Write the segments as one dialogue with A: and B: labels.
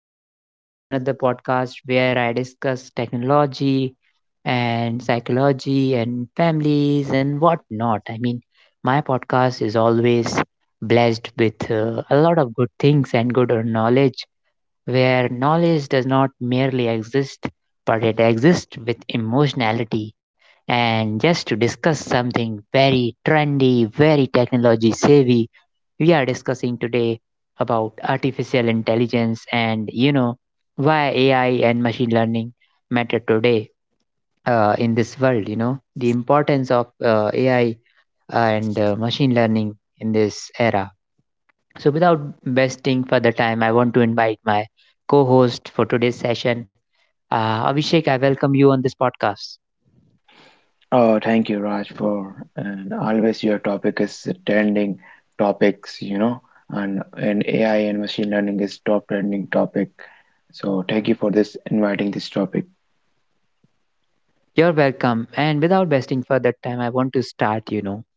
A: and welcome back to another podcast where I discuss technology and psychology and families and whatnot. I mean, my podcast is always blessed with a lot of good things and good knowledge where knowledge does not merely exist, but it exists with emotionality. And just to discuss something very trendy, very technology savvy, we are discussing today about artificial intelligence and why AI and machine learning matter today in this world. You know the importance of AI and machine learning in this era. So, without wasting further time, I want to invite my co host for today's session. Abhishek, I welcome you on this podcast.
B: Oh, Thank you, Raj, for and always your topic is trending topics, you know, and AI and machine learning is top trending topic. So thank you for this inviting this topic.
A: You're welcome. And without wasting further time, I want to start, you know,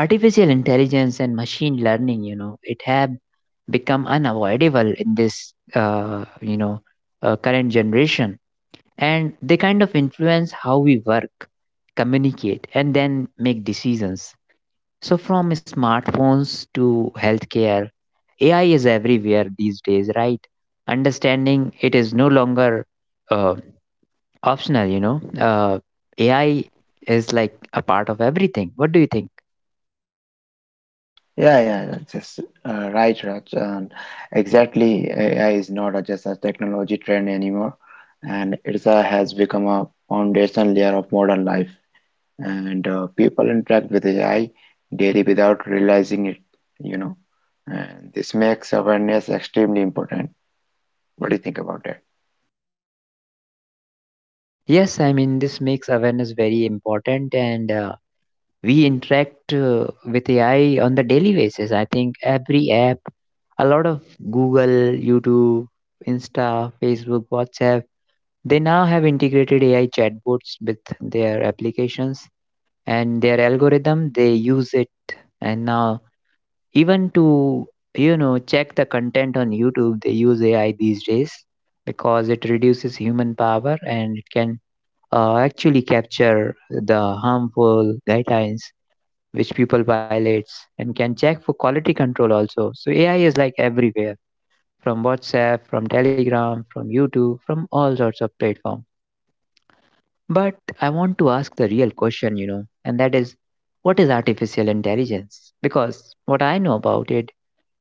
A: artificial intelligence and machine learning, you know, it have become unavoidable in this, current generation. And they kind of influence how we work, communicate, and then make decisions. So, from smartphones to healthcare, AI is everywhere these days, right? Understanding it is no longer uh, optional, you know. AI is like a part of everything. What do you think?
B: Yeah, that's just right, Raj. And exactly, AI is not a- just a technology trend anymore, and it has become a foundational layer of modern life. And People interact with AI daily without realizing it, you know. And this makes awareness extremely important. What do you think about that?
A: Yes, I mean, this makes awareness very important, and we interact with AI on the daily basis. I think every app, a lot of Google, YouTube, Insta, Facebook, WhatsApp, they now have integrated AI chatbots with their applications and their algorithm. They use it. And now, even to, you know, check the content on YouTube, they use AI these days because it reduces human power and it can actually capture the harmful guidelines which people violates and can check for quality control also. So AI is like everywhere, from WhatsApp, from Telegram, from YouTube, from all sorts of platform. But I want to ask the real question, you know, and that is, what is artificial intelligence? Because what I know about it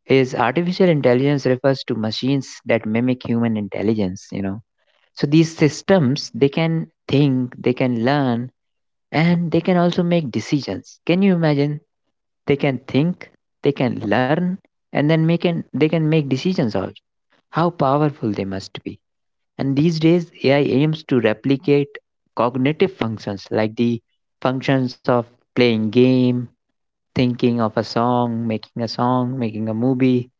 A: is artificial intelligence refers to machines that mimic human intelligence, you know. So these systems, they can think, they can learn, and they can also make decisions. Can you imagine? They can think, they can learn, and then they can make decisions also. How powerful they must be! And these days, AI aims to replicate cognitive functions, like the functions of playing game, thinking of a song, making a song, making a movie,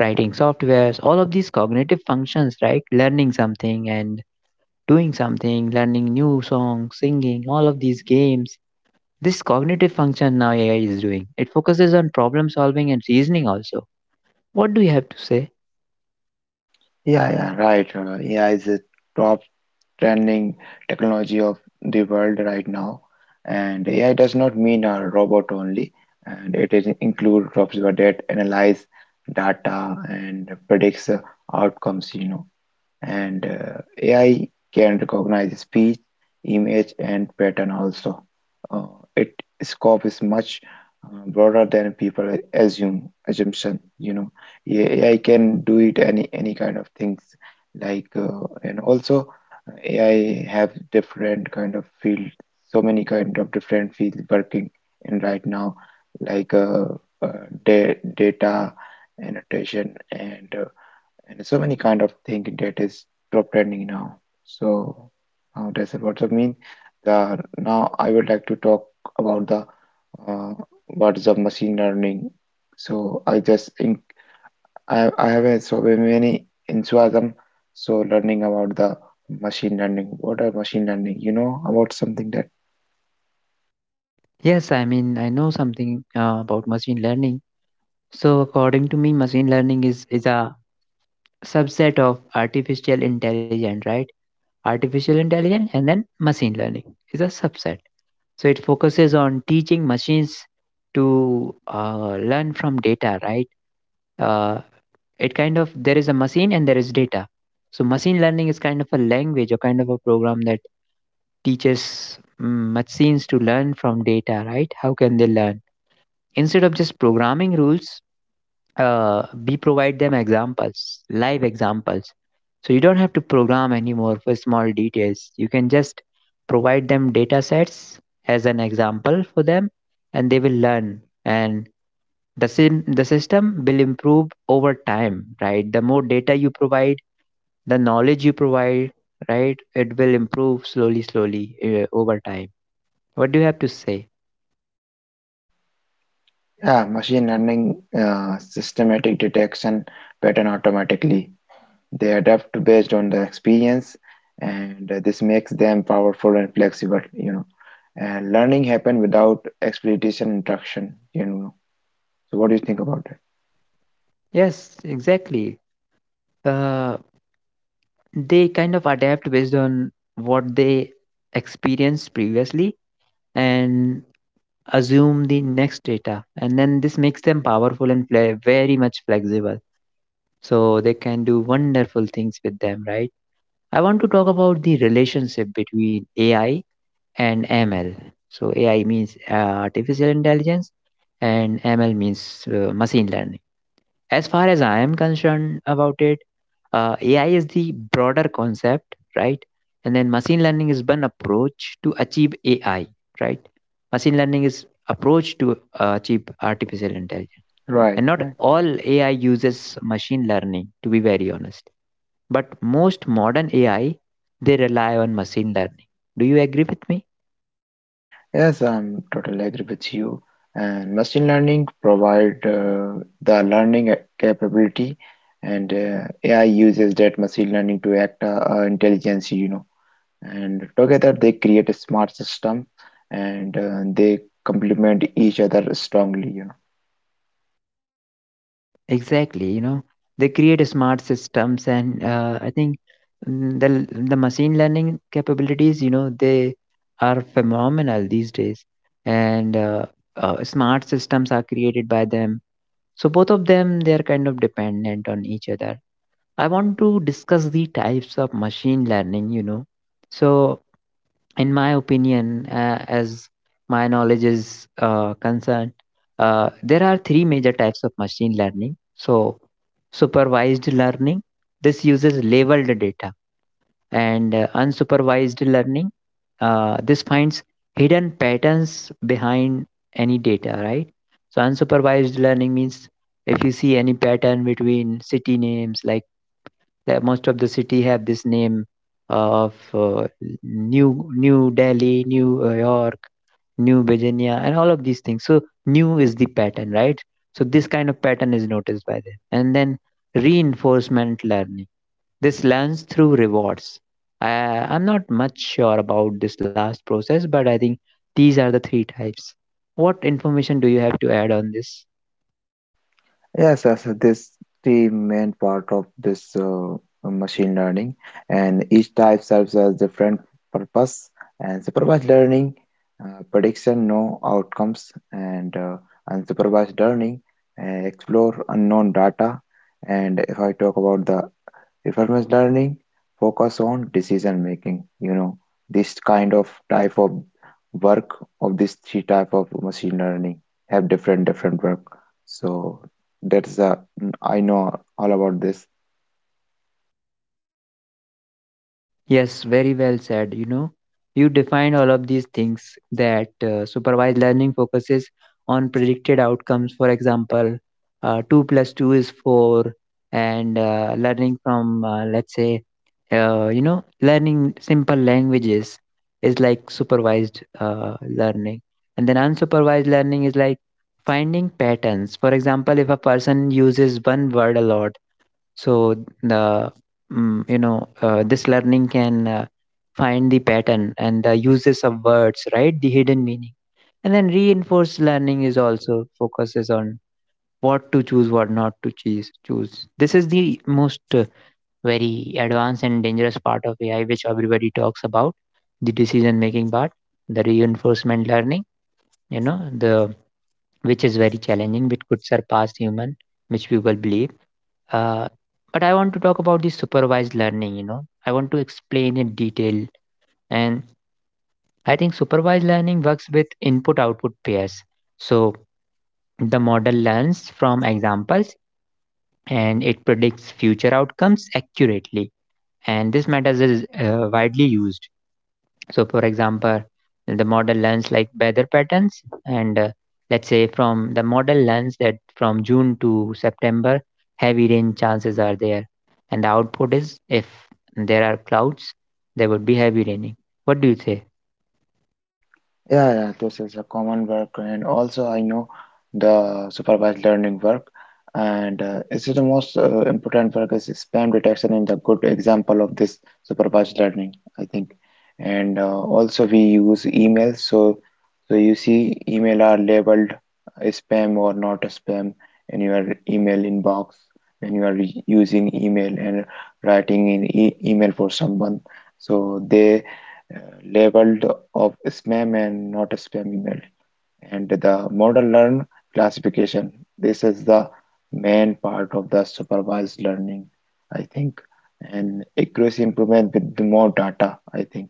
A: writing softwares, all of these cognitive functions, right? Learning something and doing something, learning new songs, singing, all of these games. This cognitive function now AI is doing. It focuses on problem solving and reasoning also. What do you have to say?
B: Yeah, Right. AI is a top trending technology of the world right now, and AI does not mean a robot only, and it is include robots that analyze data and predicts outcomes. You know, and AI can recognize speech, image, and pattern also. Uh, its scope is much broader than people assume assumption. You know, AI can do it any kind of things like and also AI have different kind of field, so many kind of different fields working in right now, like da data annotation and so many kind of thing that is top trending now. So that's what I mean. Now I would like to talk about the uh, what is the machine learning. So I just in, I have so many enthusiasm. So learning about the machine learning. What are machine learning? You know about something that
A: Yes, I mean, I know something about machine learning. So, according to me, machine learning is a subset of artificial intelligence, right? Artificial intelligence, and then machine learning is a subset. So it focuses on teaching machines to learn from data, right? Uh, it kind of, there is a machine and there is data. So machine learning is kind of a language or kind of a program that teaches machines to learn from data, right? How can they learn? Instead of just programming rules, we provide them examples, live examples. So you don't have to program anymore for small details. You can just provide them data sets as an example for them, and they will learn. And the system will improve over time, right? The more data you provide, the knowledge you provide, right? It will improve slowly, slowly over time. What do you have to say?
B: yeah, machine learning systematic detection pattern automatically. They adapt based on the experience, and this makes them powerful and flexible, you know. And learning happen without exploitation interaction, you know. So what do you think about that?
A: Yes, exactly. Uh, they kind of adapt based on what they experienced previously and assume the next data, and then this makes them powerful and play very much flexible, so they can do wonderful things with them, right? I want to talk about the relationship between AI and ML. So AI means artificial intelligence, and ML means machine learning. As far as I am concerned about it, AI is the broader concept, right? And then machine learning is one approach to achieve AI, right? Machine learning is approach to achieve artificial intelligence.
B: Right,
A: And not
B: right.
A: all AI uses machine learning, to be very honest. But most modern AI, they rely on machine learning. Do you agree with me?
B: Yes, I'm totally agree with you. And machine learning provide the learning capability, and AI uses that machine learning to act intelligence, you know. And together they create a smart system, and they complement each other strongly, you know.
A: Exactly, you know, they create smart systems, and I think the machine learning capabilities, you know, they are phenomenal these days, and smart systems are created by them. So both of them, they are kind of dependent on each other. I want to discuss the types of machine learning, you know. So in my opinion, as my knowledge is concerned, there are three major types of machine learning. So, supervised learning, this uses labeled data, and unsupervised learning, this finds hidden patterns behind any data, right? So, unsupervised learning means if you see any pattern between city names, like that most of the city have this name of new delhi, new york, new virginia, and all of these things. So new is the pattern, right? So this kind of pattern is noticed by them. And then reinforcement learning, this learns through rewards. I'm not much sure about this last process, but I think these are the three types. What information do you have to add on this?
B: Yes, this the main part of this machine learning, and each type serves as different purpose. And supervised learning, prediction, no outcomes, and unsupervised learning, explore unknown data. And if I talk about the Reformist learning focus on decision making, you know, this kind of type of work of this three type of machine learning have different different work. So that's a I know all about this.
A: Yes, very well said. You know, you defined all of these things, that supervised learning focuses on predicted outcomes. For example, 2 plus 2 is 4, and learning from, let's say, you know, learning simple languages is like supervised learning. And then unsupervised learning is like finding patterns. For example, if a person uses one word a lot, so the mm, you know this learning can find the pattern and the uses of words, right, the hidden meaning. And then reinforced learning is also focuses on what to choose, what not to choose. This is the most very advanced and dangerous part of AI, which everybody talks about, the decision making part, the reinforcement learning, you know, the which is very challenging, which could surpass human, which people believe. uh, but I want to talk about the supervised learning, you know. I want to explain in detail. And I think supervised learning works with input output pairs. So the model learns from examples, and it predicts future outcomes accurately. And this method is widely used. So, for example, the model learns like weather patterns, and let's say from the model learns that from June to September, heavy rain chances are there, and the output is if there are clouds, there would be heavy raining. What do you say?
B: Yeah, this is a common work, and also I know the supervised learning work, and this is the most important work is spam detection and the good example of this supervised learning, I think. And also we use emails, so you see email are labeled spam or not spam in your email inbox when you are using email and writing in e email for someone. So they labeled of spam and not a spam email and the model learn classification. This is the main part of the supervised learning, I think. And accuracy improvement with the more data, I think.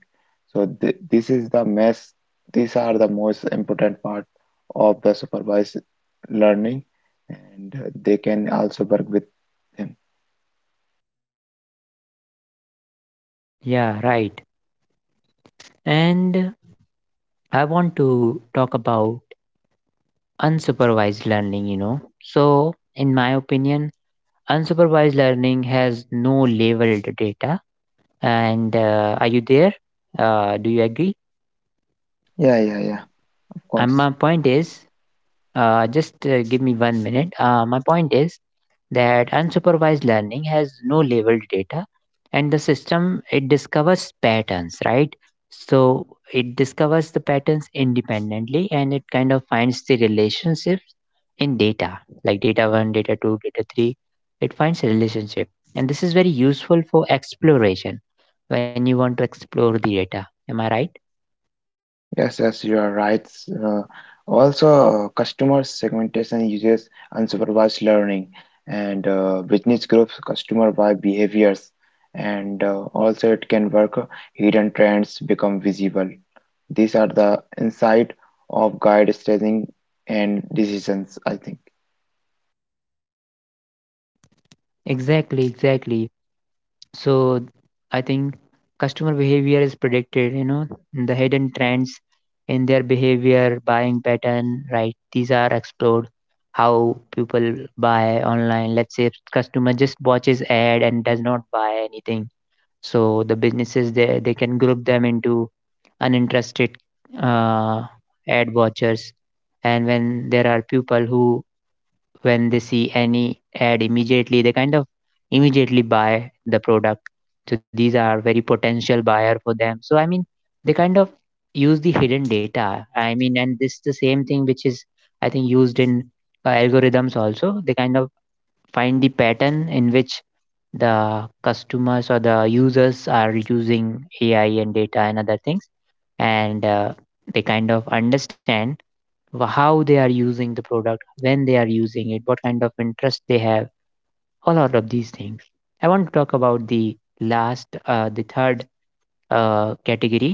B: So th this is the mess. These are the most important part of the supervised learning, and they can also work with them.
A: Yeah, right. And I want to talk about unsupervised learning, you know. So, in my opinion, unsupervised learning has no labeled data. And are you there? Do you agree?
B: Yeah, of
A: And
B: course.
A: my point is, just give me 1 minute. My point is that unsupervised learning has no labeled data, and the system, it discovers patterns, right? So it discovers the patterns independently, and it kind of finds the relationships in data, like data one, data two, data three. It finds a relationship, and this is very useful for exploration when you want to explore the data. Am I right?
B: Yes, yes, you are right. Uh, Also, customer segmentation uses unsupervised learning and business groups customer by behaviors, and also it can work. Hidden trends become visible. These are the insight of guide staging and decisions, I think.
A: Exactly, exactly. So I think customer behavior is predicted, you know, the hidden trends in their behavior, buying pattern, right? These are explored, how people buy online. Let's say customer just watches ad and does not buy anything. So the businesses, they can group them into uninterested uh, ad watchers. And when there are people who, when they see any ad immediately, they kind of immediately buy the product, so these are very potential buyer for them. So I mean, they kind of use the hidden data, I mean. And this the same thing which is, I think, used in algorithms also. They kind of find the pattern in which the customers or the users are using AI and data and other things, and they kind of understand how they are using the product, when they are using it, what kind of interest they have, all out of these things. I want to talk about the last, the third category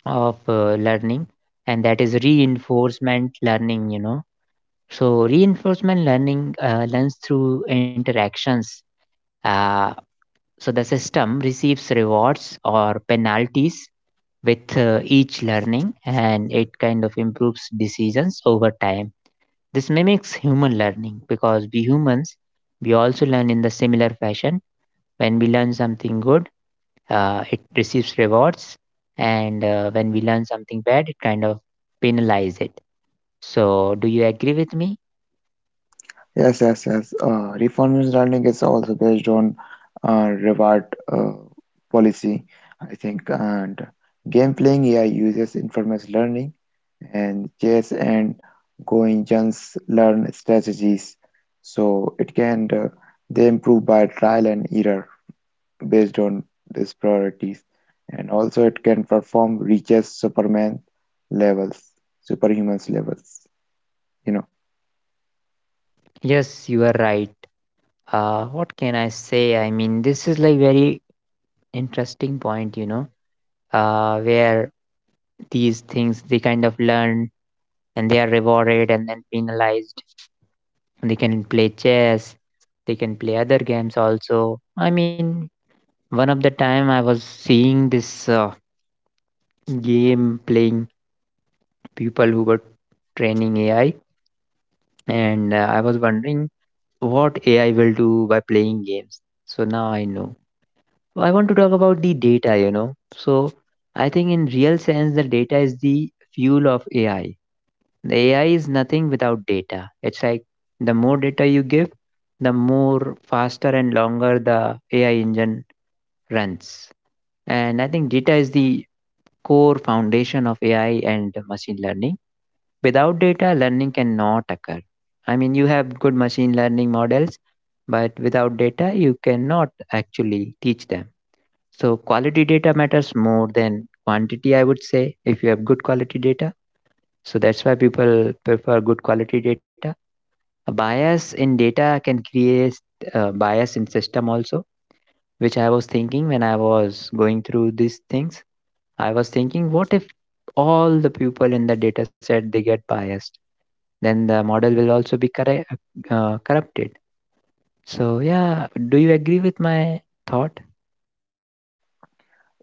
A: of learning, and that is reinforcement learning. You know, so reinforcement learning learns through interactions. Uh, so the system receives rewards or penalties with each learning, and it kind of improves decisions over time. This mimics human learning because we humans, we also learn in the similar fashion. When we learn something good, it receives rewards, and when we learn something bad, it kind of penalizes it. So, do you agree with me?
B: Yes, yes, yes. Reformist learning is also based on reward uh, policy, I think. And game playing AI uses informal learning, and chess and Goingens learn strategies. So it can they improve by trial and error based on these priorities, and also it can perform reaches Superman levels, superhumans levels. You know.
A: Yes, you are right. What can I say? I mean, this is like very interesting point, you know, where these things they kind of learn and they are rewarded and then penalized. They can play chess, they can play other games also. I mean, one of the time I was seeing this game playing people who were training AI, and I was wondering what AI will do by playing games. So now I know. I want to talk about the data, you know. So I think in real sense, the data is the fuel of AI. The AI is nothing without data. It's like the more data you give, the more faster and longer the AI engine runs. And I think data is the core foundation of AI and machine learning. Without data, learning cannot occur. I mean, you have good machine learning models, but without data, you cannot actually teach them. So, quality data matters more than quantity, I would say, if you have good quality data. So, that's why people prefer good quality data. A bias in data can create bias in system also, which I was thinking when I was going through these things. I was thinking, what if all the people in the data set they get biased? Then the model will also be correct, corrupted. So yeah, do you agree with my thought?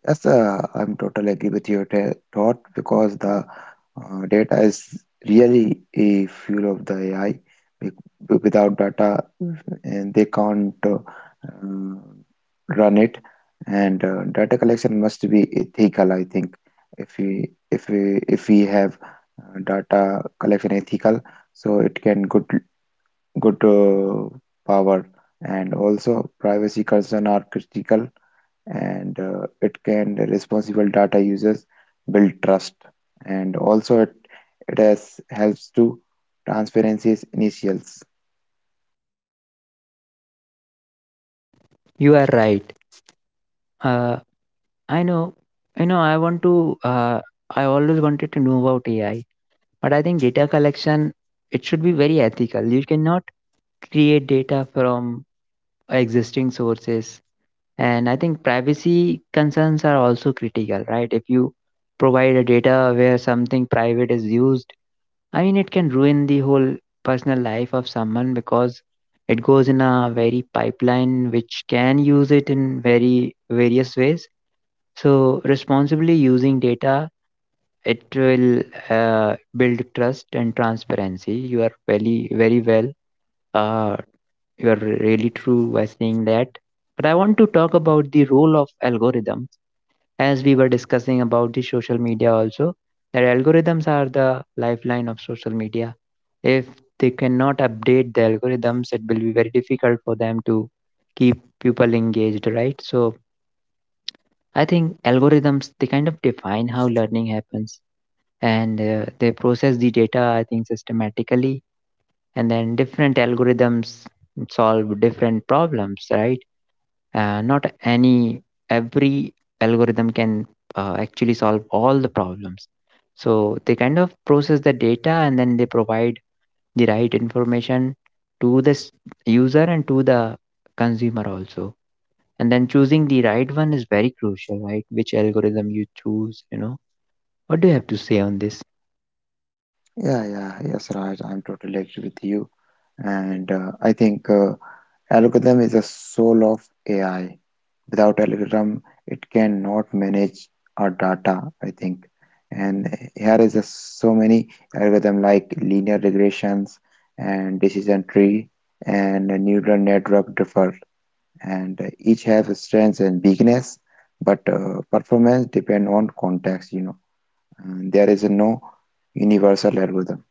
B: Yes, I'm totally agree with your thought because the data is really a fuel of the AI. Wi- Without data, mhm, and they can't uh, run it. And data collection must be ethical, I think. If we if we have data collection ethical, so it can good good power and also privacy concern are critical, and it can responsible data users build trust, and also it has helps to transparency's initials.
A: You are right. Uh, I know. You know, I want to. I always wanted to know about AI, but I think data collection it should be very ethical. You cannot create data from existing sources. And I think privacy concerns are also critical, right? If you provide a data where something private is used, I mean, it can ruin the whole personal life of someone because it goes in a very pipeline which can use it in very various ways. So, responsibly using data, it will build trust and transparency. You are very, very well, uh, you are really true by saying that. But I want to talk about the role of algorithms as we were discussing about the social media also. That algorithms are the lifeline of social media. If they cannot update the algorithms, it will be very difficult for them to keep people engaged, right? So I think algorithms they kind of define how learning happens, and they process the data, I think, systematically. And then different algorithms solve different problems, right? Not any every algorithm can actually solve all the problems, so they kind of process the data and then they provide the right information to the user and to the consumer also. And then choosing the right one is very crucial, right? Which algorithm you choose, you know? What do you have to say on this?
B: Yeah yes, Raj, I'm totally agree with you, and I think algorithm is the soul of AI. Without algorithm it cannot manage our data, I think. And here is so many algorithm like linear regressions and decision tree and neural network differ, and each have strengths and weakness, but performance depend on context, you know, and there is no universal algorithm.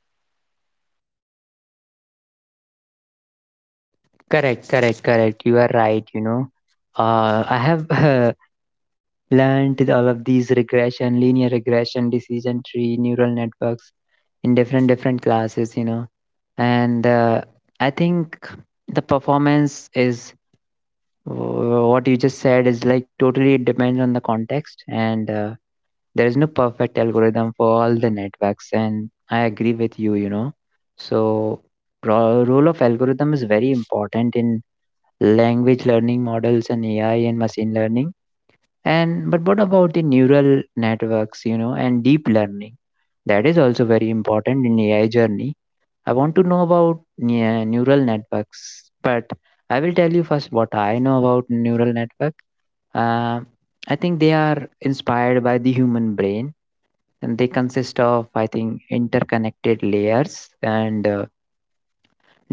A: Correct, correct, correct. You are right, you know. I have learned all of these regression, linear regression, decision tree, neural networks in different different classes, you know. And I think the performance is what you just said is like totally it depends on the context, and there is no perfect algorithm for all the networks. And I agree with you, you know. So role of algorithm is very important in language learning models and AI and machine learning, and but what about the neural networks, you know, and deep learning? That is also very important in AI journey. I want to know about neural networks, but I will tell you first what I know about neural network. Uh, I think they are inspired by the human brain, and they consist of I think interconnected layers, and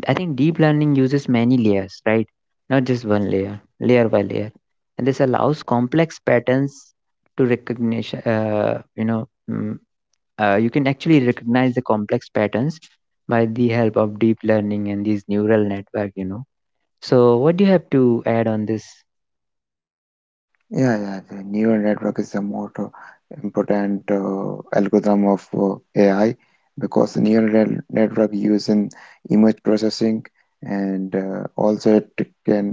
A: I think deep learning uses many layers, right? Not just one layer, layer by layer. And this allows complex patterns to recognition, you can actually recognize the complex patterns by the help of deep learning and these neural network, you know. So what do you have to add on this?
B: Yeah the neural network is the most important algorithm of AI because the network use in image processing, and also it can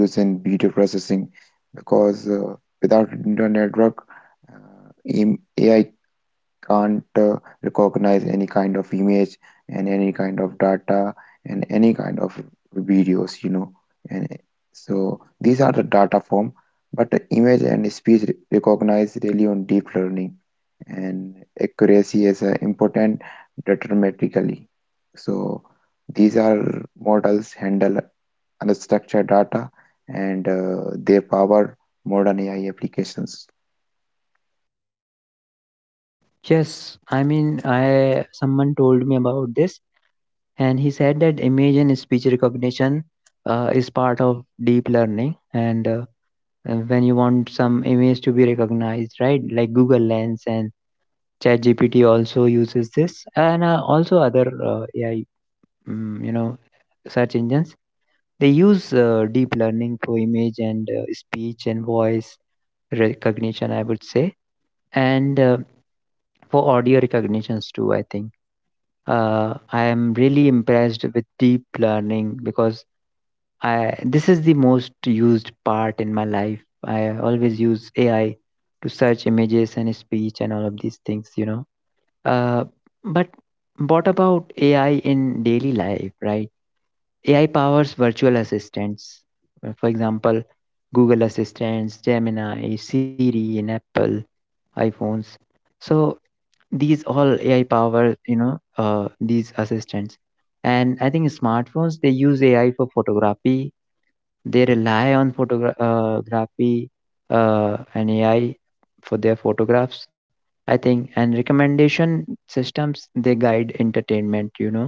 B: use in video processing because without neural network AI can't recognize any kind of image and any kind of data and any kind of videos, you know. And so these are the data form, but the image and speech recognize really on deep learning, and accuracy is important deterministically. So these are models handle unstructured data, and they power modern AI applications.
A: Yes, I mean, I someone told me about this, and he said that image and speech recognition is part of deep learning, and when you want some image to be recognized, right? Like Google Lens and ChatGPT also uses this, and also other AI, you know, search engines. They use deep learning for image and speech and voice recognition, I would say, and for audio recognitions too. I think I am really impressed with deep learning because I this is the most used part in my life. I always use AI to search images and speech and all of these things, you know. Uh, but what about AI in daily life, right? AI powers virtual assistants. For example, Google Assistants, Gemini, Siri in Apple iPhones. So these all AI power, you know, these assistants. And I think smartphones they use AI for photography, they rely on photography and AI for their photographs, I think, and recommendation systems. They guide entertainment. You know,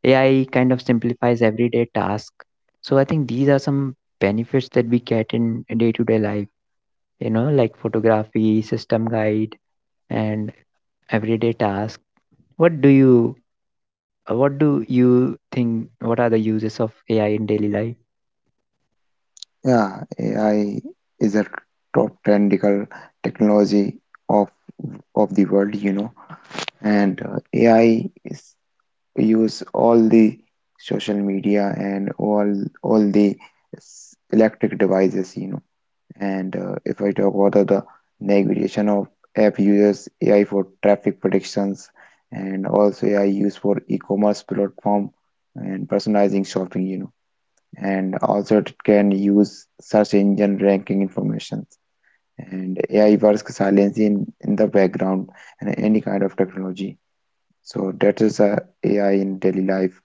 A: AI kind of simplifies everyday task. So I think these are some benefits that we get in day-to-day life. You know, like photography, system guide, and everyday task. What do you what do you think, what are the uses of AI in daily life?
B: Yeah, AI is a top trendical technology of of the world, you know, and AI is use all the social media and all the electric devices, you know. And if I talk about the navigation of app users, AI for traffic predictions, and also AI used for e-commerce platform and personalizing shopping, you know, and also it can use search engine ranking information, and AI works silently in the background and any kind of technology. So that is a AI in daily life.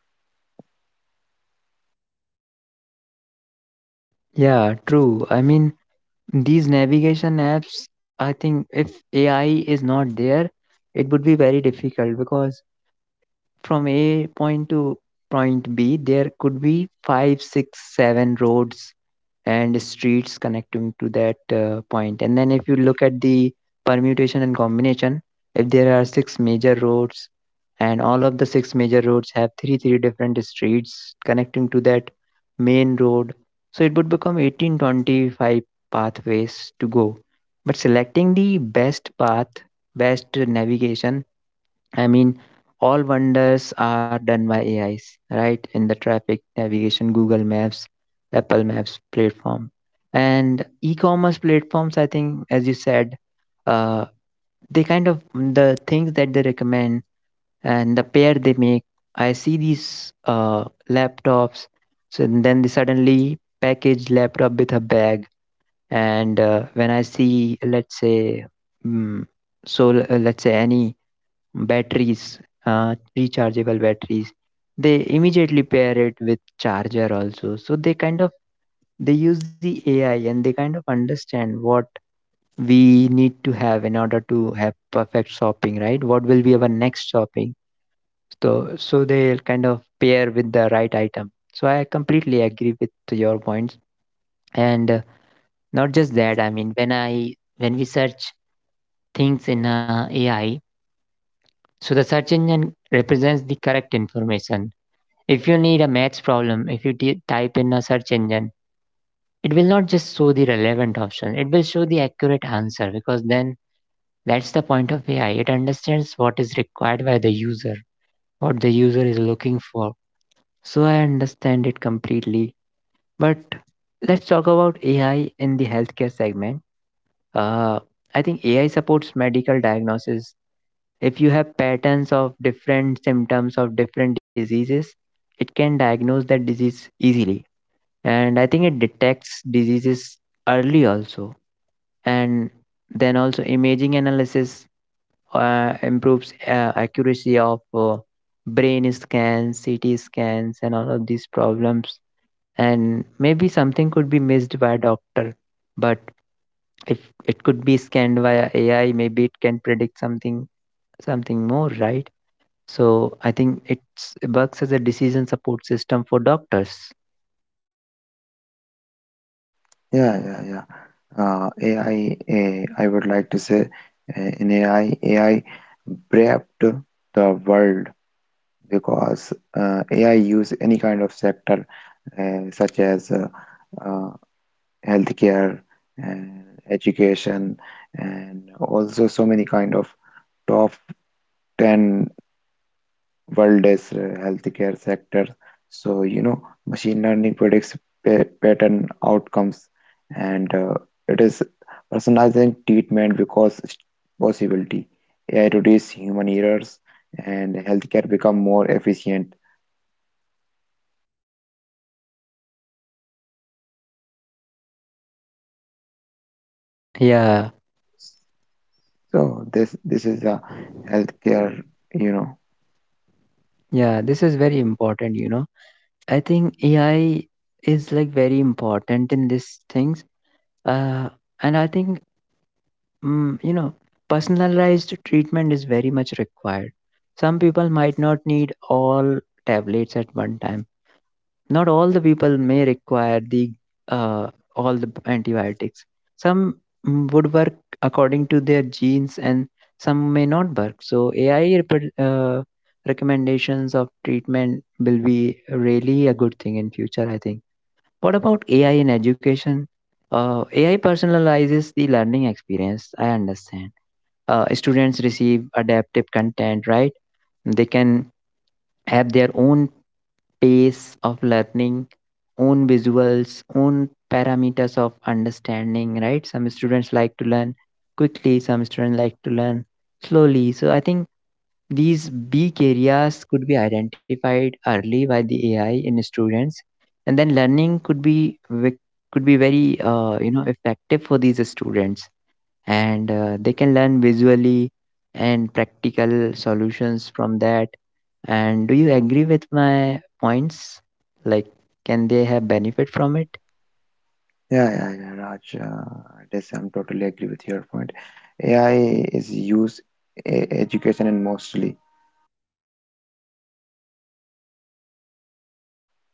A: Yeah, true. I mean, these navigation apps, I think if AI is not there, it would be very difficult because from A point to point B, there could be five, six, seven roads and streets connecting to that point. And then if you look at the permutation and combination, if there are six major roads and all of the six major roads have three three different streets connecting to that main road, so it would become 18-25 pathways to go. But selecting the best path, best navigation, I mean, all wonders are done by AIs, right? In the traffic, navigation, Google Maps, Apple Maps platform. And e commerce platforms, I think, as you said, uh, they kind of, the things that they recommend and the pair they make. I see these laptops, so then they suddenly package laptop with a bag. And when I see, let's say, mm, let's say any batteries, rechargeable batteries. They immediately pair it with charger also. So they kind of, they use the AI and they kind of understand what we need to have in order to have perfect shopping, right? What will be our next shopping? So they'll kind of pair with the right item. So I completely agree with your points. And not just that, I mean when I when we search things in AI. So the search engine represents the correct information. If you need a maths problem, if you type in a search engine, it will not just show the relevant option, it will show the accurate answer because then that's the point of AI. It understands what is required by the user, what the user is looking for. So I understand it completely. But let's talk about AI in the healthcare segment. Uh, I think AI supports medical diagnosis. If you have patterns of different symptoms of different diseases, it can diagnose that disease easily, and I think it detects diseases early also. And then also imaging analysis improves accuracy of brain scans, CT scans, and all of these problems, and maybe something could be missed by a doctor, but if it could be scanned via AI, maybe it can predict something more, right? So I think it works as a decision support system for doctors.
B: Yeah, yeah, yeah. I would like to say in AI, AI prepped the world because AI use any kind of sector such as uh, healthcare and education, and also so many kind of top 10 world's healthcare sectors. So, you know, machine learning predicts pa pattern outcomes, and it is personalizing treatment because it's possibility. AI reduce human errors and healthcare become more efficient.
A: Yeah,
B: So this is a healthcare, you know.
A: yeah, this is very important, you know. I think AI is like very important in these things. Uh, and I think, you know, personalized treatment is very much required. Some people might not need all tablets at one time. Not all the people may require the uh, all the antibiotics. Some would work according to their genes, and some may not work. So AI recommendations of treatment will be really a good thing in future, I think. What about AI in education? AI personalizes the learning experience. I understand. Students receive adaptive content, right? They can have their own pace of learning, own visuals, own parameters of understanding, right? Some students like to learn quickly, some students like to learn slowly. So I think these weak areas could be identified early by the AI in students, and then learning could be could be very effective for these students, and they can learn visually and practical solutions from that. And do you agree with my points? Like, can they have benefit from it?
B: Yeah, yeah, yeah, Raj. This I'm totally agree with your point. AI is used education and mostly.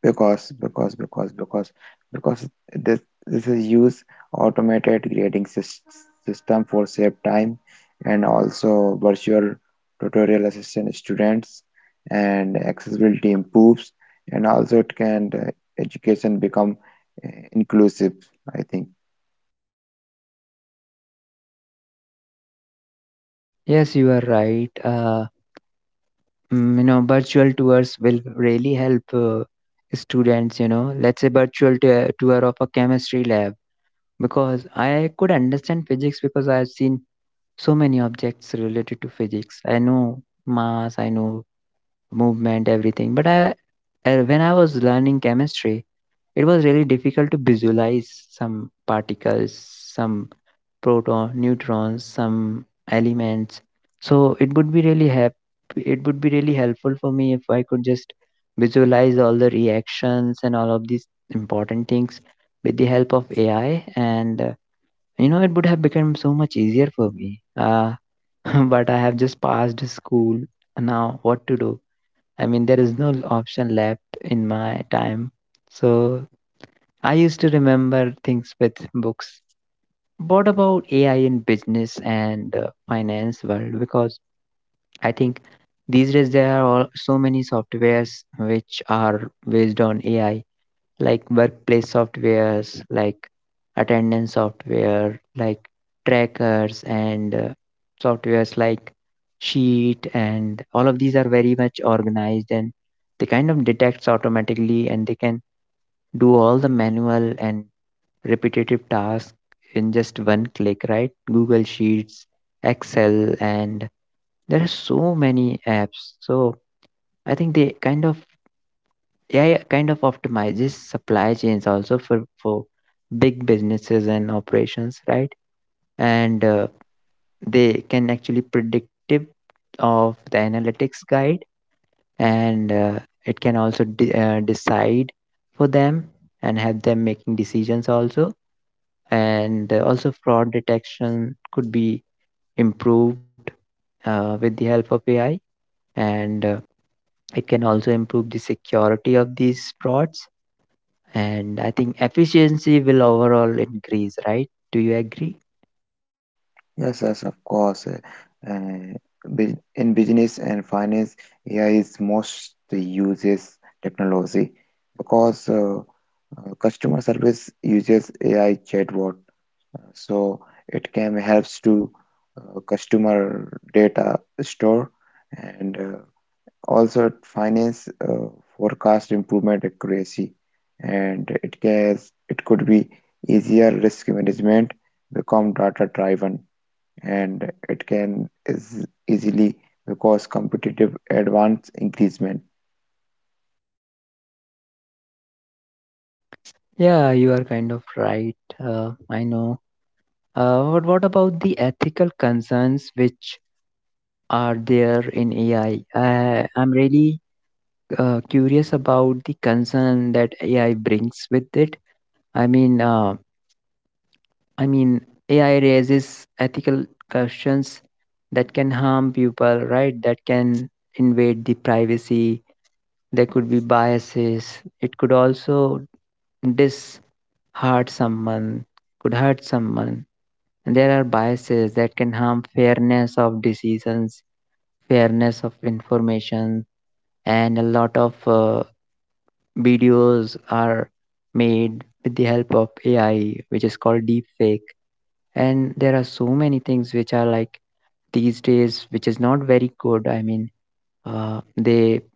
B: Because, because, because, because, because this is use automated grading system for save time, and also virtual tutorial assistant students, and accessibility improves, and also it can education become inclusive, I think.
A: Yes, you are right. You know virtual tours will really help students, you know, let's say virtual tour of a chemistry lab, because I could understand physics because I've seen so many objects related to physics. I know mass, I know movement, everything. But I when I was learning chemistry, it was really difficult to visualize some particles, some proton neutrons, some elements. So it would be really help it would be really helpful for me if I could just visualize all the reactions and all of these important things with the help of AI. And you know, it would have become so much easier for me. uh, but I have just passed school, now what to do? I mean, there is no option left in my time. So I used to remember things with books. What about AI in business and finance world? Because I think these days there are all, so many softwares which are based on AI, like workplace softwares, like attendance software, like trackers and softwares like Sheet, and all of these are very much organized and they kind of detects automatically and they can do all the manual and repetitive tasks in just one click, right? Google Sheets, Excel, and there are so many apps. So I think they kind of AI kind of optimizes supply chains also for big businesses and operations, right? And they can actually predictive of the analytics guide, and it can also decide for them and help them making decisions also, and also fraud detection could be improved with the help of AI, and it can also improve the security of these frauds. And I think efficiency will overall increase, right? Do you agree?
B: Yes, yes, of course. Uh, in business and finance, AI is most uses technology because customer service uses AI chatbot, so it can helps to customer data store, and also finance forecast improvement accuracy, and it could be easier risk management become data driven, and it can is easily because competitive advance increasement.
A: Yeah, you are kind of right. I know. But what about the ethical concerns which are there in AI? I am really curious about the concern that AI brings with it. I mean, uh, I mean, AI raises ethical questions that can harm people, right? That can invade the privacy. There could be biases. It could also disheart someone, could hurt someone. And there are biases that can harm fairness of decisions, fairness of information, and a lot of videos are made with the help of AI, which is called deepfake. And there are so many things which are like these days which is not very good. I mean, they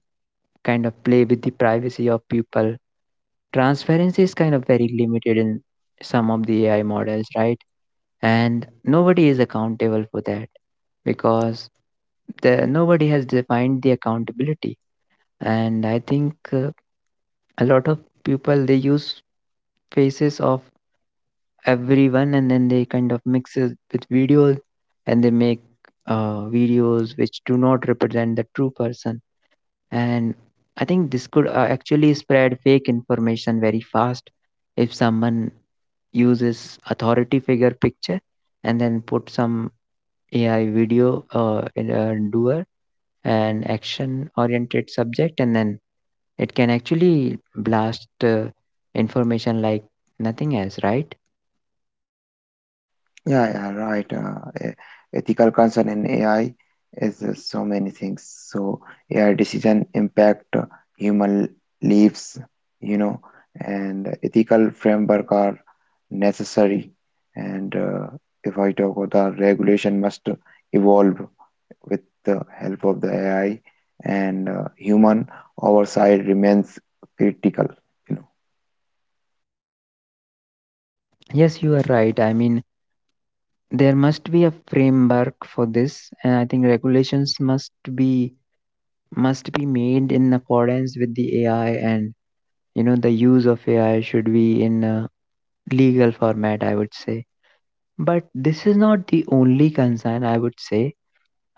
A: kind of play with the privacy of people. Transparency is kind of very limited in some of the AI models, right? And nobody is accountable for that, because nobody has defined the accountability. And I think a lot of people, they use faces of everyone and then they kind of mix it with videos and they make videos which do not represent the true person. And I think this could actually spread fake information very fast. If someone uses authority figure picture and then put some AI video in a doer and action oriented subject, and then it can actually blast information like nothing else, right?
B: Yeah, yeah, right. E- Ethical concern in AI is so many things. So AI decision impact human lives, you know, and ethical framework are necessary. And if I talk about the regulation must evolve with the help of the AI, and human oversight remains critical, you know.
A: Yes, you are right. I mean, there must be a framework for this, and I think regulations must be made in accordance with the AI. And you know, the use of AI should be in a legal format, I would say. But this is not the only concern, I would say.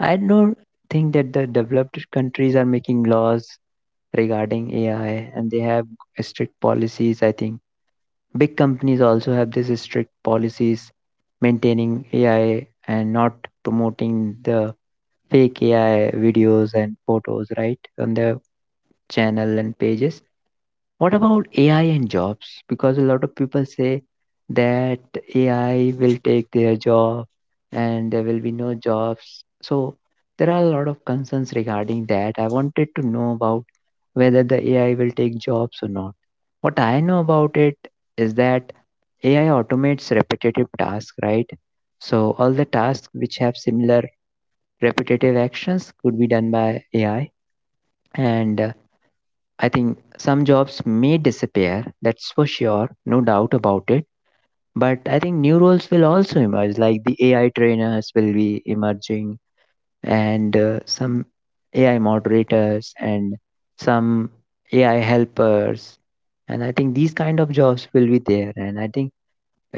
A: I don't think that the developed countries are making laws regarding AI, and they have strict policies. I think big companies also have these strict policies maintaining AI and not promoting the fake AI videos and photos, right, on their channel and pages. What about AI and jobs? Because a lot of people say that AI will take their job and there will be no jobs. So there are a lot of concerns regarding that. I wanted to know about whether the AI will take jobs or not. What I know about it is that AI automates repetitive tasks, right? So all the tasks which have similar repetitive actions could be done by AI. And I think some jobs may disappear, that's for sure, no doubt about it. But I think new roles will also emerge, like the AI trainers will be emerging, and some AI moderators, and some AI helpers. And I think these kind of jobs will be there. And I think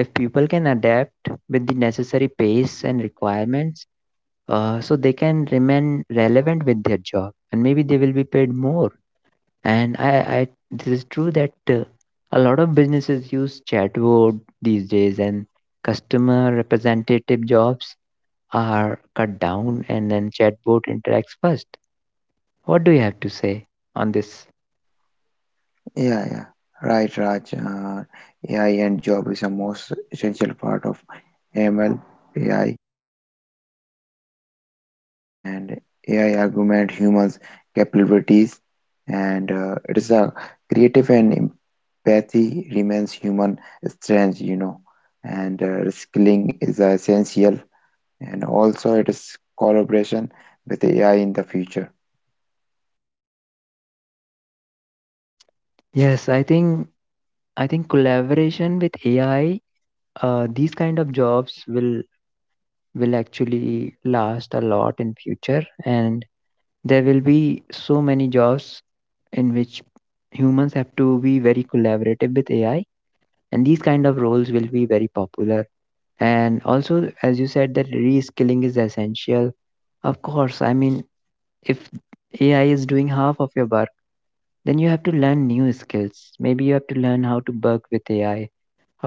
A: if people can adapt with the necessary pace and requirements, so they can remain relevant with their job and maybe they will be paid more. And I, this is true that a lot of businesses use chatbot these days and customer representative jobs are cut down and then chatbot interacts first. What do you have to say on this?
B: Yeah, yeah. Right, Raj. AI and job is a most essential part of ML, AI, and AI augment humans' capabilities, and it is a creative and empathy remains human strength, you know, and reskilling is essential, and also it is collaboration with AI in the future.
A: Yes, I think, I think collaboration with AI, these kind of jobs will actually last a lot in future, and there will be so many jobs in which humans have to be very collaborative with AI, and these kind of roles will be very popular. And also, as you said, that reskilling is essential. Of course, I mean, if AI is doing half of your work, then you have to learn new skills. Maybe you have to learn how to work with AI,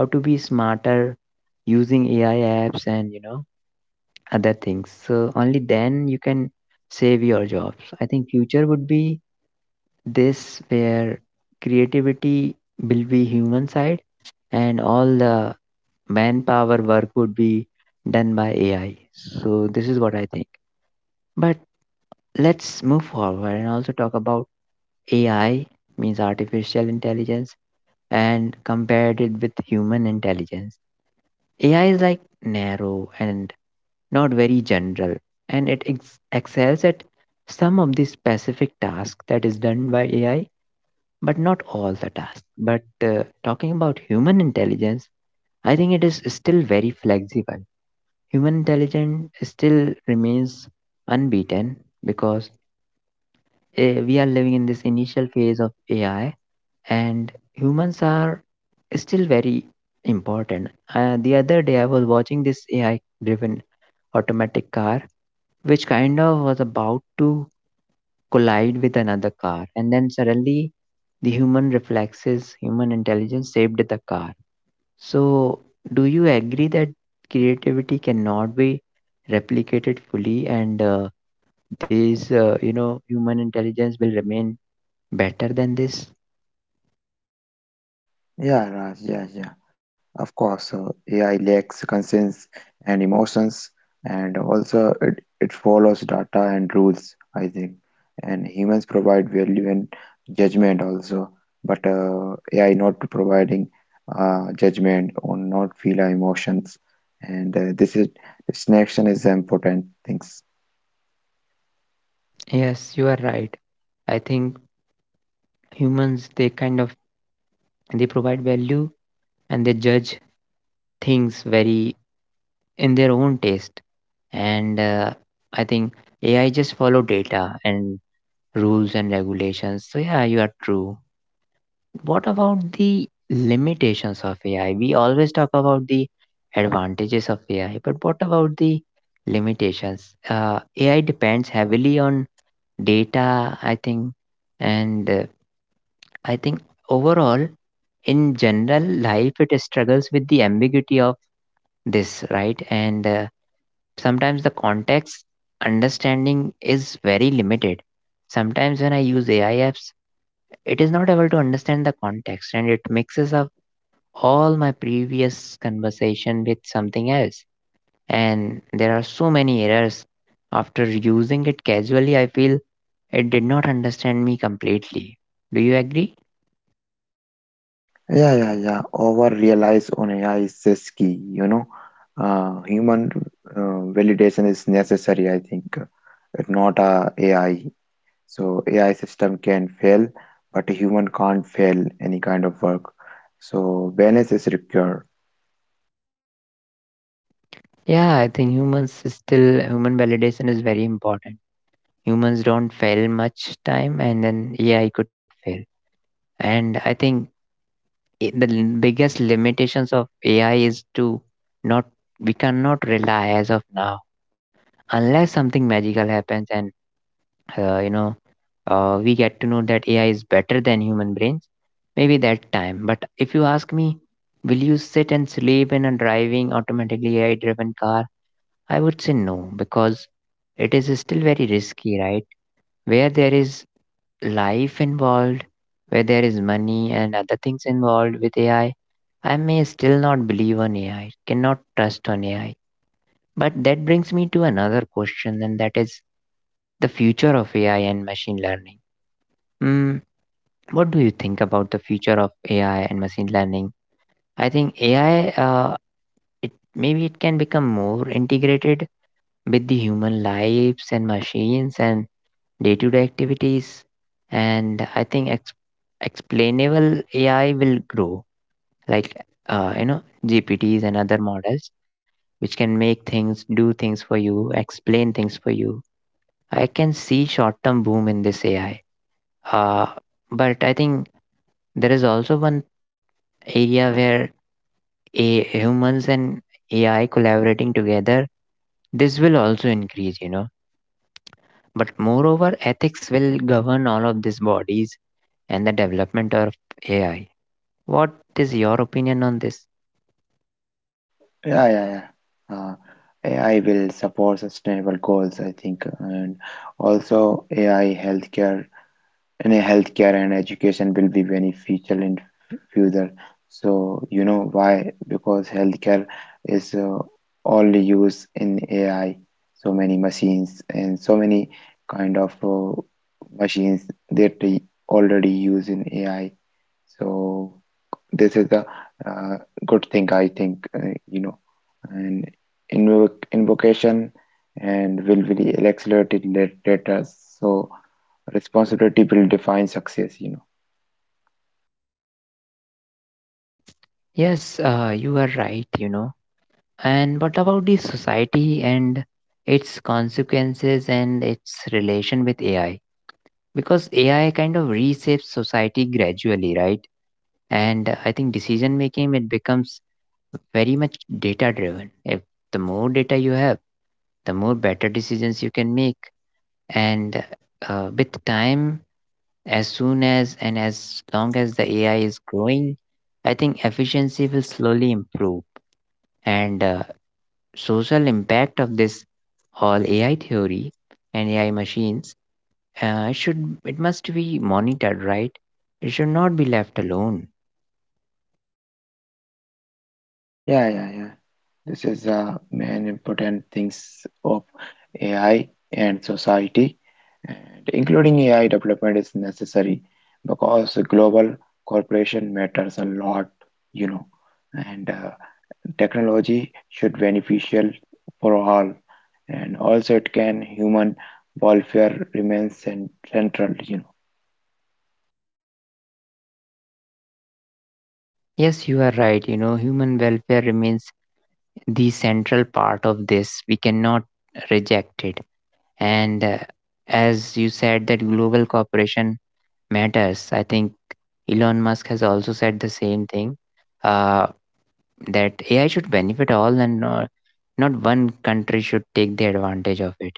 A: how to be smarter using AI apps and, you know, other things. So only then you can save your jobs. I think future would be this, where creativity will be human side and all the manpower work would be done by AI. So this is what I think. But let's move forward and also talk about AI means artificial intelligence and compared it with human intelligence. AI is like narrow and not very general, and it excels at some of the specific tasks that is done by AI, but not all the tasks. But talking about human intelligence, I think it is still very flexible. Human intelligence still remains unbeaten, because we are living in this initial phase of AI and humans are still very important. The other day, I was watching this AI driven automatic car, which kind of was about to collide with another car, and then suddenly the human reflexes, human intelligence saved the car. So, do you agree that creativity cannot be replicated fully, and this, you know, human intelligence will remain better than this?
B: Yeah, Raj, yeah, yeah. Of course, AI lacks conscience and emotions, and also it follows data and rules, I think. And humans provide value and judgment also, but AI not providing judgment or not feel our emotions. And this connection is important things.
A: Yes, you are right. I think humans, they kind of they provide value and they judge things very in their own taste. And I think AI just follow data and rules and regulations. So yeah, you are true. What about the limitations of AI? We always talk about the advantages of AI, but what about the limitations? AI depends heavily on data, I think, and I think overall, in general life, it struggles with the ambiguity of this, right? And sometimes the context understanding is very limited. Sometimes when I use AI apps, it is not able to understand the context and it mixes up all my previous conversation with something else. And there are so many errors. After using it casually, I feel it did not understand me completely. Do you agree?
B: Yeah, yeah, yeah. Over reliance on AI is just key, you know. Human validation is necessary, I think, but not AI. So AI system can fail, but a human can't fail any kind of work. So balance is required.
A: Yeah, I think humans still, human validation is very important. Humans don't fail much time, and then AI could fail. And I think biggest limitations of AI is to not, we cannot rely as of now, unless something magical happens and, you know, we get to know that AI is better than human brains, maybe that time. But if you ask me, will you sit and sleep in a driving automatically AI driven car? I would say no, because it is still very risky, right? Where there is life involved, where there is money and other things involved with AI, I may still not believe on AI, cannot trust on AI. But that brings me to another question, and that is the future of AI and machine learning. Hmm, what do you think about the future of AI and machine learning? I think AI, it maybe it can become more integrated with the human lives and machines and day-to-day activities, and I think explainable AI will grow, like you know, GPTs and other models, which can make things, do things for you, explain things for you. I can see short-term boom in this AI, uh, but I think there is also one area where a humans and AI collaborating together, this will also increase, you know. But moreover, ethics will govern all of these bodies and the development of AI. What is your opinion on this?
B: Yeah, yeah, yeah. Uh, AI will support sustainable goals, I think, and also AI healthcare and uh, healthcare and education will be beneficial in future. So you know why? Because healthcare is only used in AI. So many machines and so many kind of machines that they already use in AI. So this is the uh, good thing, I think, you know. And invocation and will be accelerated lat- later. So. Responsibility will define success, you know.
A: Yes, you are right, you know. And what about the society and its consequences and its relation with AI? Because AI kind of reshapes society gradually, right? And I think decision making, it becomes very much data driven. If the more data you have, the more better decisions you can make. And with time, as soon as and as long as the AI is growing, I think efficiency will slowly improve. And social impact of this whole AI theory and AI machines should, it must be monitored, right? It should not be left alone.
B: Yeah, yeah, yeah. This is main important things of AI and society, and including AI development is necessary because global cooperation matters a lot, you know, and technology should beneficial for all, and also it can human welfare remains central, you know.
A: Yes, you are right. You know, human welfare remains the central part of this. We cannot reject it, and as you said, that global cooperation matters. I think Elon Musk has also said the same thing, uh, that AI should benefit all and not one country should take the advantage of it.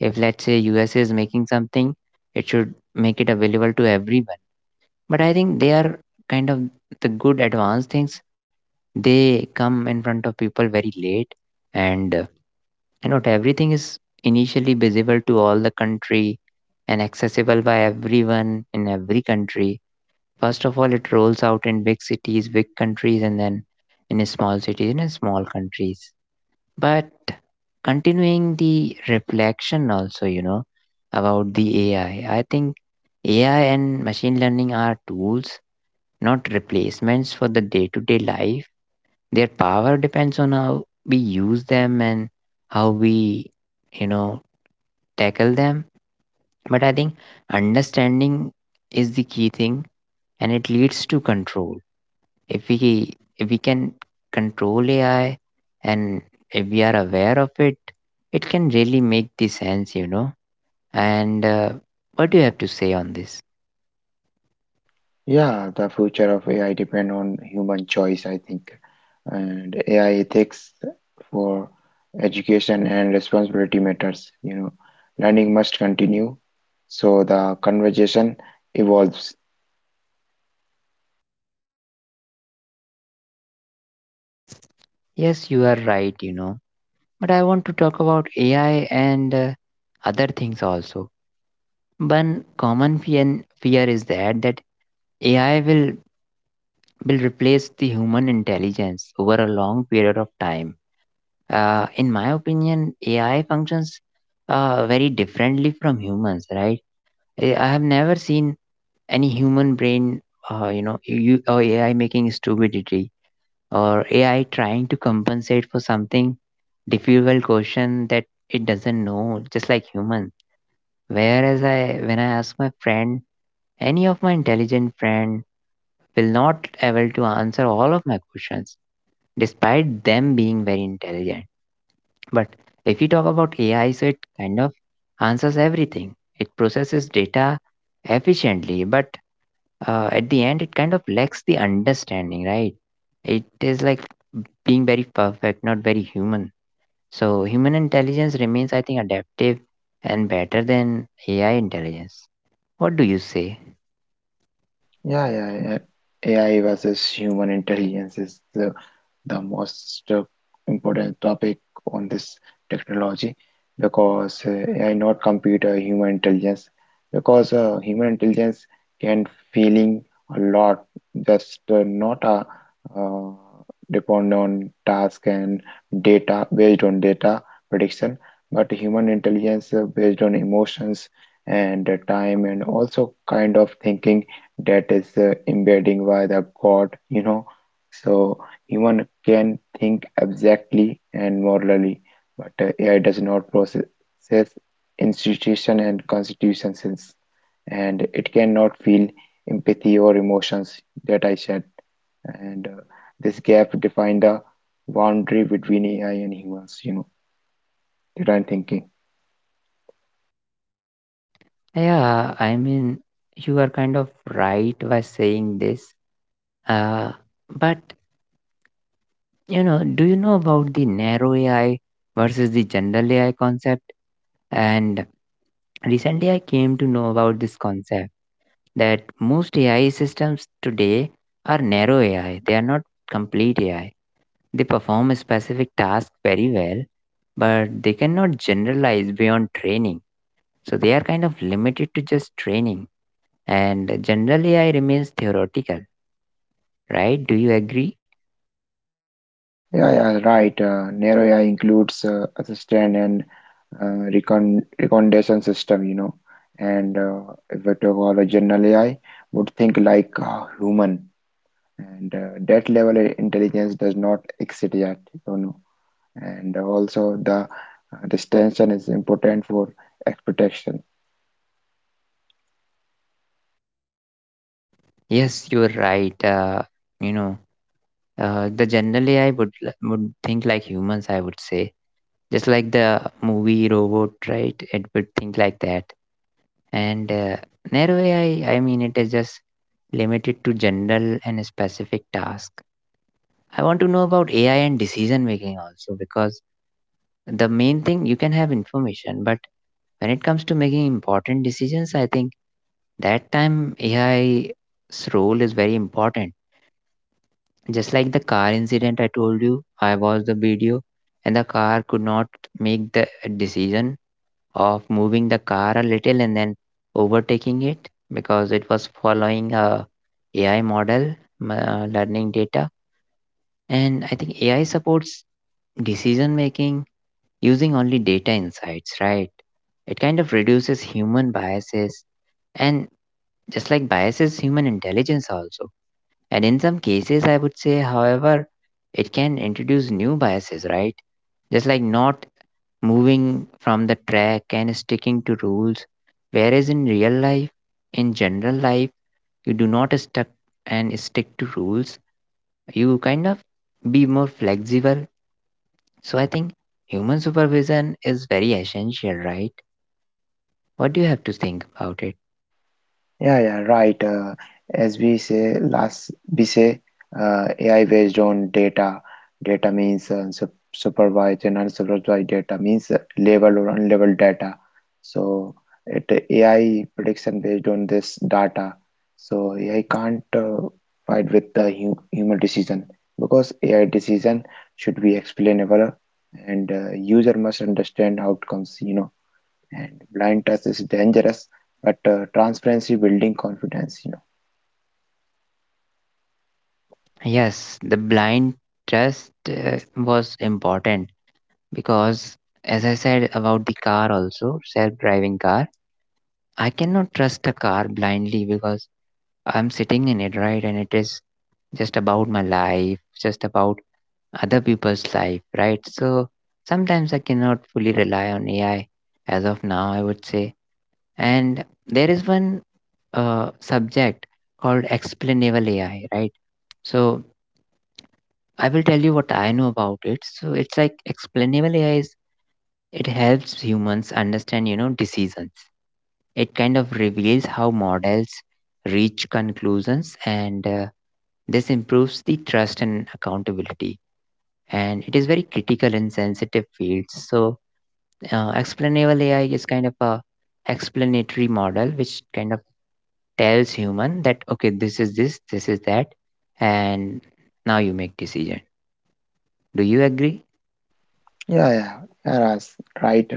A: If let's say US is making something, it should make it available to everyone. But I think they are kind of, the good advanced things, they come in front of people very late. And uh, and not everything is initially visible to all the country and accessible by everyone in every country. First of all, it rolls out in big cities, big countries, and then in small cities and in small countries. But continuing the reflection also, you know, about the AI, I think AI and machine learning are tools, not replacements for the day to day life. Their power depends on how we use them and how we, you know, tackle them. But I think understanding is the key thing, and it leads to control. If we can control AI, and if we are aware of it, it can really make the sense, you know. And What do you have to say on this?
B: Yeah, the future of AI depend on human choice, I think, and AI ethics for education and responsibility matters. You know, learning must continue, so the conversation evolves.
A: Yes, you are right, you know. But I want to talk about AI and other things also. One common fear is that AI will replace the human intelligence over a long period of time. In my opinion, AI functions very differently from humans, right? I have never seen any human brain, you know, you, or AI making stupidity or AI trying to compensate for something difficult question that it doesn't know, just like human. Whereas I, when I ask my friend, any of my intelligent friend will not able to answer all of my questions despite them being very intelligent. But if you talk about AI, so it kind of answers everything. It processes data efficiently, but at the end, it kind of lacks the understanding, right? It is like being very perfect, not very human. So human intelligence remains, I think, adaptive and better than AI intelligence. What do you say?
B: Yeah, yeah, yeah. AI versus human intelligence is the most important topic on this technology because AI not compete human intelligence because human intelligence can feeling a lot, just not a uh, depend on task and data, based on data prediction, but human intelligence based on emotions and time and also kind of thinking that is embedding by the god, you know. So human can think abstractly and morally, but AI does not process institution and constitutions, and it cannot feel empathy or emotions that I said. And this gap define the boundary between AI and humans. You know that I'm thinking.
A: Yeah, I mean, you are kind of right by saying this. Uh, but you know, do you know about the narrow AI versus the general AI concept? And recently I came to know about this concept that most AI systems today are narrow AI. They are not complete AI. They perform a specific task very well, but they cannot generalize beyond training. So they are kind of limited to just training. And general AI remains theoretical, right? Do you agree?
B: Yeah, yeah, right. Narrow AI includes assistant and recon recommendation system, you know. And if we talk about a general AI, would think like a human, and that level of intelligence does not exist yet, you know. And also the distinction is important for expectation.
A: Yes, you're right. You know, the general AI would would think like humans, I would say, just like the movie robot, right? It would think like that. And narrow AI, I mean, it is just limited to general and specific task. I want to know about AI and decision making also, because the main thing, you can have information, but when it comes to making important decisions, I think that time AI's role is very important. Just like the car incident I told you, I watched the video and the car could not make the decision of moving the car a little and then overtaking it, because it was following a AI model, learning data. And I think AI supports decision making using only data insights, right? It kind of reduces human biases and just like biases human intelligence also, and in some cases, I would say, however, it can introduce new biases, right? Just like not moving from the track and sticking to rules. Whereas in real life, in general life, you do not stuck and stick to rules. You kind of be more flexible. So I think human supervision is very essential, right? What do you have to think about it?
B: Yeah, yeah, right. As we say last, we say AI based on data. Data means supervised and unsupervised data means labeled or unlabeled data. So it AI prediction based on this data. So AI can't fight with the hu human decision because AI decision should be explainable, and user must understand outcomes, you know, and blind trust is dangerous, but transparency building confidence, you know.
A: Yes, the blind trust was important because, as I said about the car also, self-driving car, I cannot trust a car blindly because I'm sitting in it, right? And it is just about my life, just about other people's life, right? So sometimes I cannot fully rely on AI as of now, I would say. And there is one subject called explainable AI, right? So I will tell you what I know about it. So it's like, explainable AI is, it helps humans understand, you know, decisions. It kind of reveals how models reach conclusions, and this improves the trust and accountability, and it is very critical in sensitive fields. So explainable AI is kind of a explanatory model which kind of tells human that, okay, this is this, this is that, and now you make decision. Do you agree?
B: Yeah, yeah yeah, that's right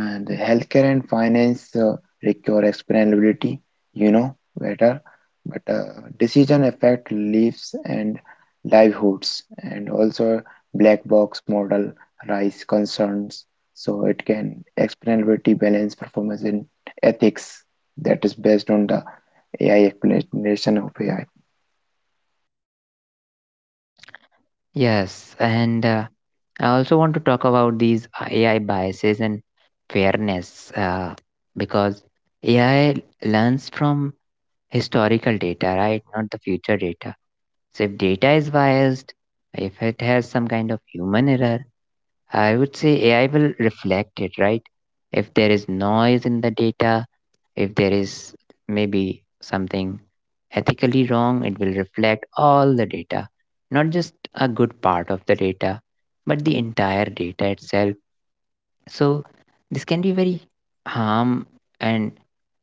B: and the healthcare and finance require explainability you know better but decision affect lives and livelihoods and also black box model rise concerns so it can explainability balance performance in ethics that is based on the AI explanation of AI
A: Yes, and I also want to talk about these AI biases and fairness because AI learns from historical data, right? Not the future data. So if data is biased, if it has some kind of human error, I would say AI will reflect it, right? If there is noise in the data, if there is maybe something ethically wrong, it will reflect all the data, not just a good part of the data, but the entire data itself. So, this can be very harm and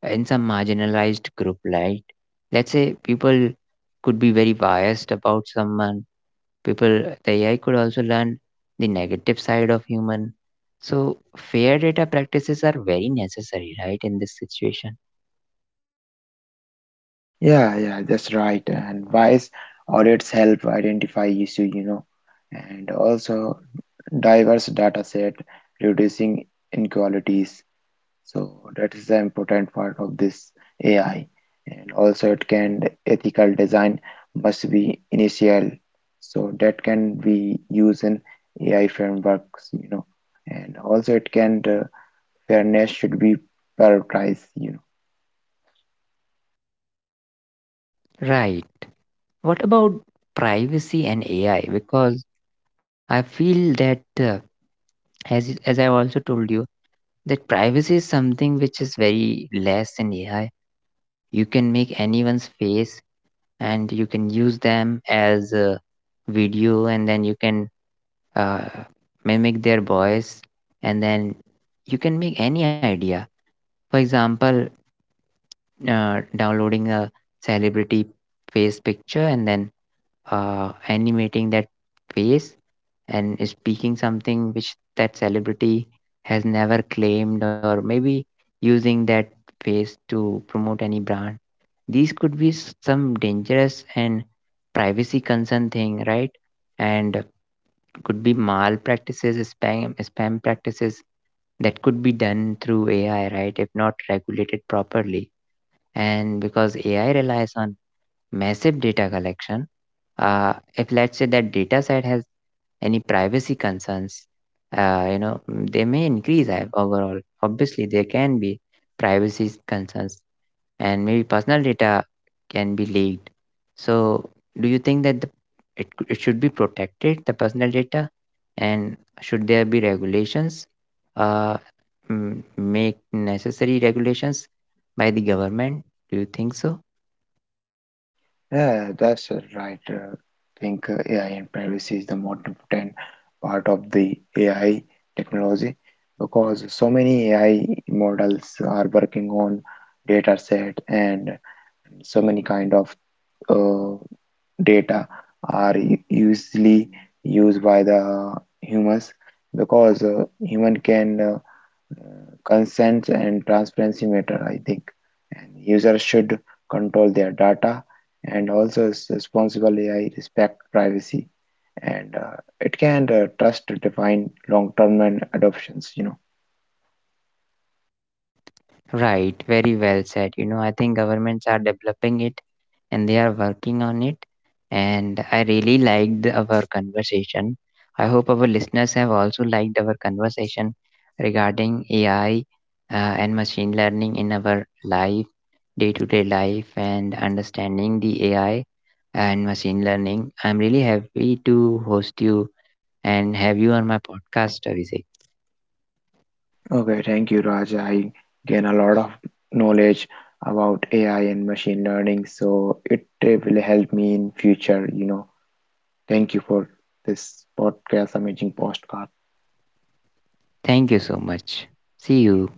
A: in some marginalized group, right? Let's say people could be very biased about someone. People, the AI could also learn the negative side of human. So, fair data practices are very necessary, right, in this situation?
B: yeah, yeah, that's right. And wise audits help identify issue, you know, and also diverse data set, reducing inequalities. So that is the important part of this AI. And also it can ethical design must be initial. So that can be used in AI frameworks, you know, and also it can fairness should be prioritized, you know.
A: Right. What about privacy and AI? Because I feel that, as as I also told you, that privacy is something which is very less in AI. You can make anyone's face, and you can use them as a video, and then you can uh, mimic their voice, and then you can make any idea. For example, downloading a celebrity face picture and then animating that face and is speaking something which that celebrity has never claimed, or maybe using that face to promote any brand. These could be some dangerous and privacy concern thing, right? And could be mal practices, spam practices that could be done through AI, right, if not regulated properly. And because AI relies on massive data collection, if let's say that data set has any privacy concerns, you know, they may increase overall, obviously there can be privacy concerns, and maybe personal data can be leaked. So do you think that it should be protected, the personal data, and should there be regulations, uh, make necessary regulations by the government? Do you think so?
B: Yeah, that's right. I think AI and privacy is the most important part of the AI technology because so many AI models are working on data set, and so many kind of uh, data are usually used by the humans because human can consent and transparency matter, I think. And users should control their data, and also responsible AI respect privacy, and it can trust to define long-term and adoptions, you know.
A: Right, very well said. You know, I think governments are developing it and they are working on it. And I really liked our conversation. I hope our listeners have also liked our conversation regarding AI and machine learning in our life, day to day life, and understanding the AI and machine learning. I'm really happy to host you and have you on my podcast, Abhishek.
B: Okay, thank you, Raj. I gain a lot of knowledge about AI and machine learning, so it will help me in future, you know. Thank you for this podcast, amazing podcast.
A: Thank you so much. See you.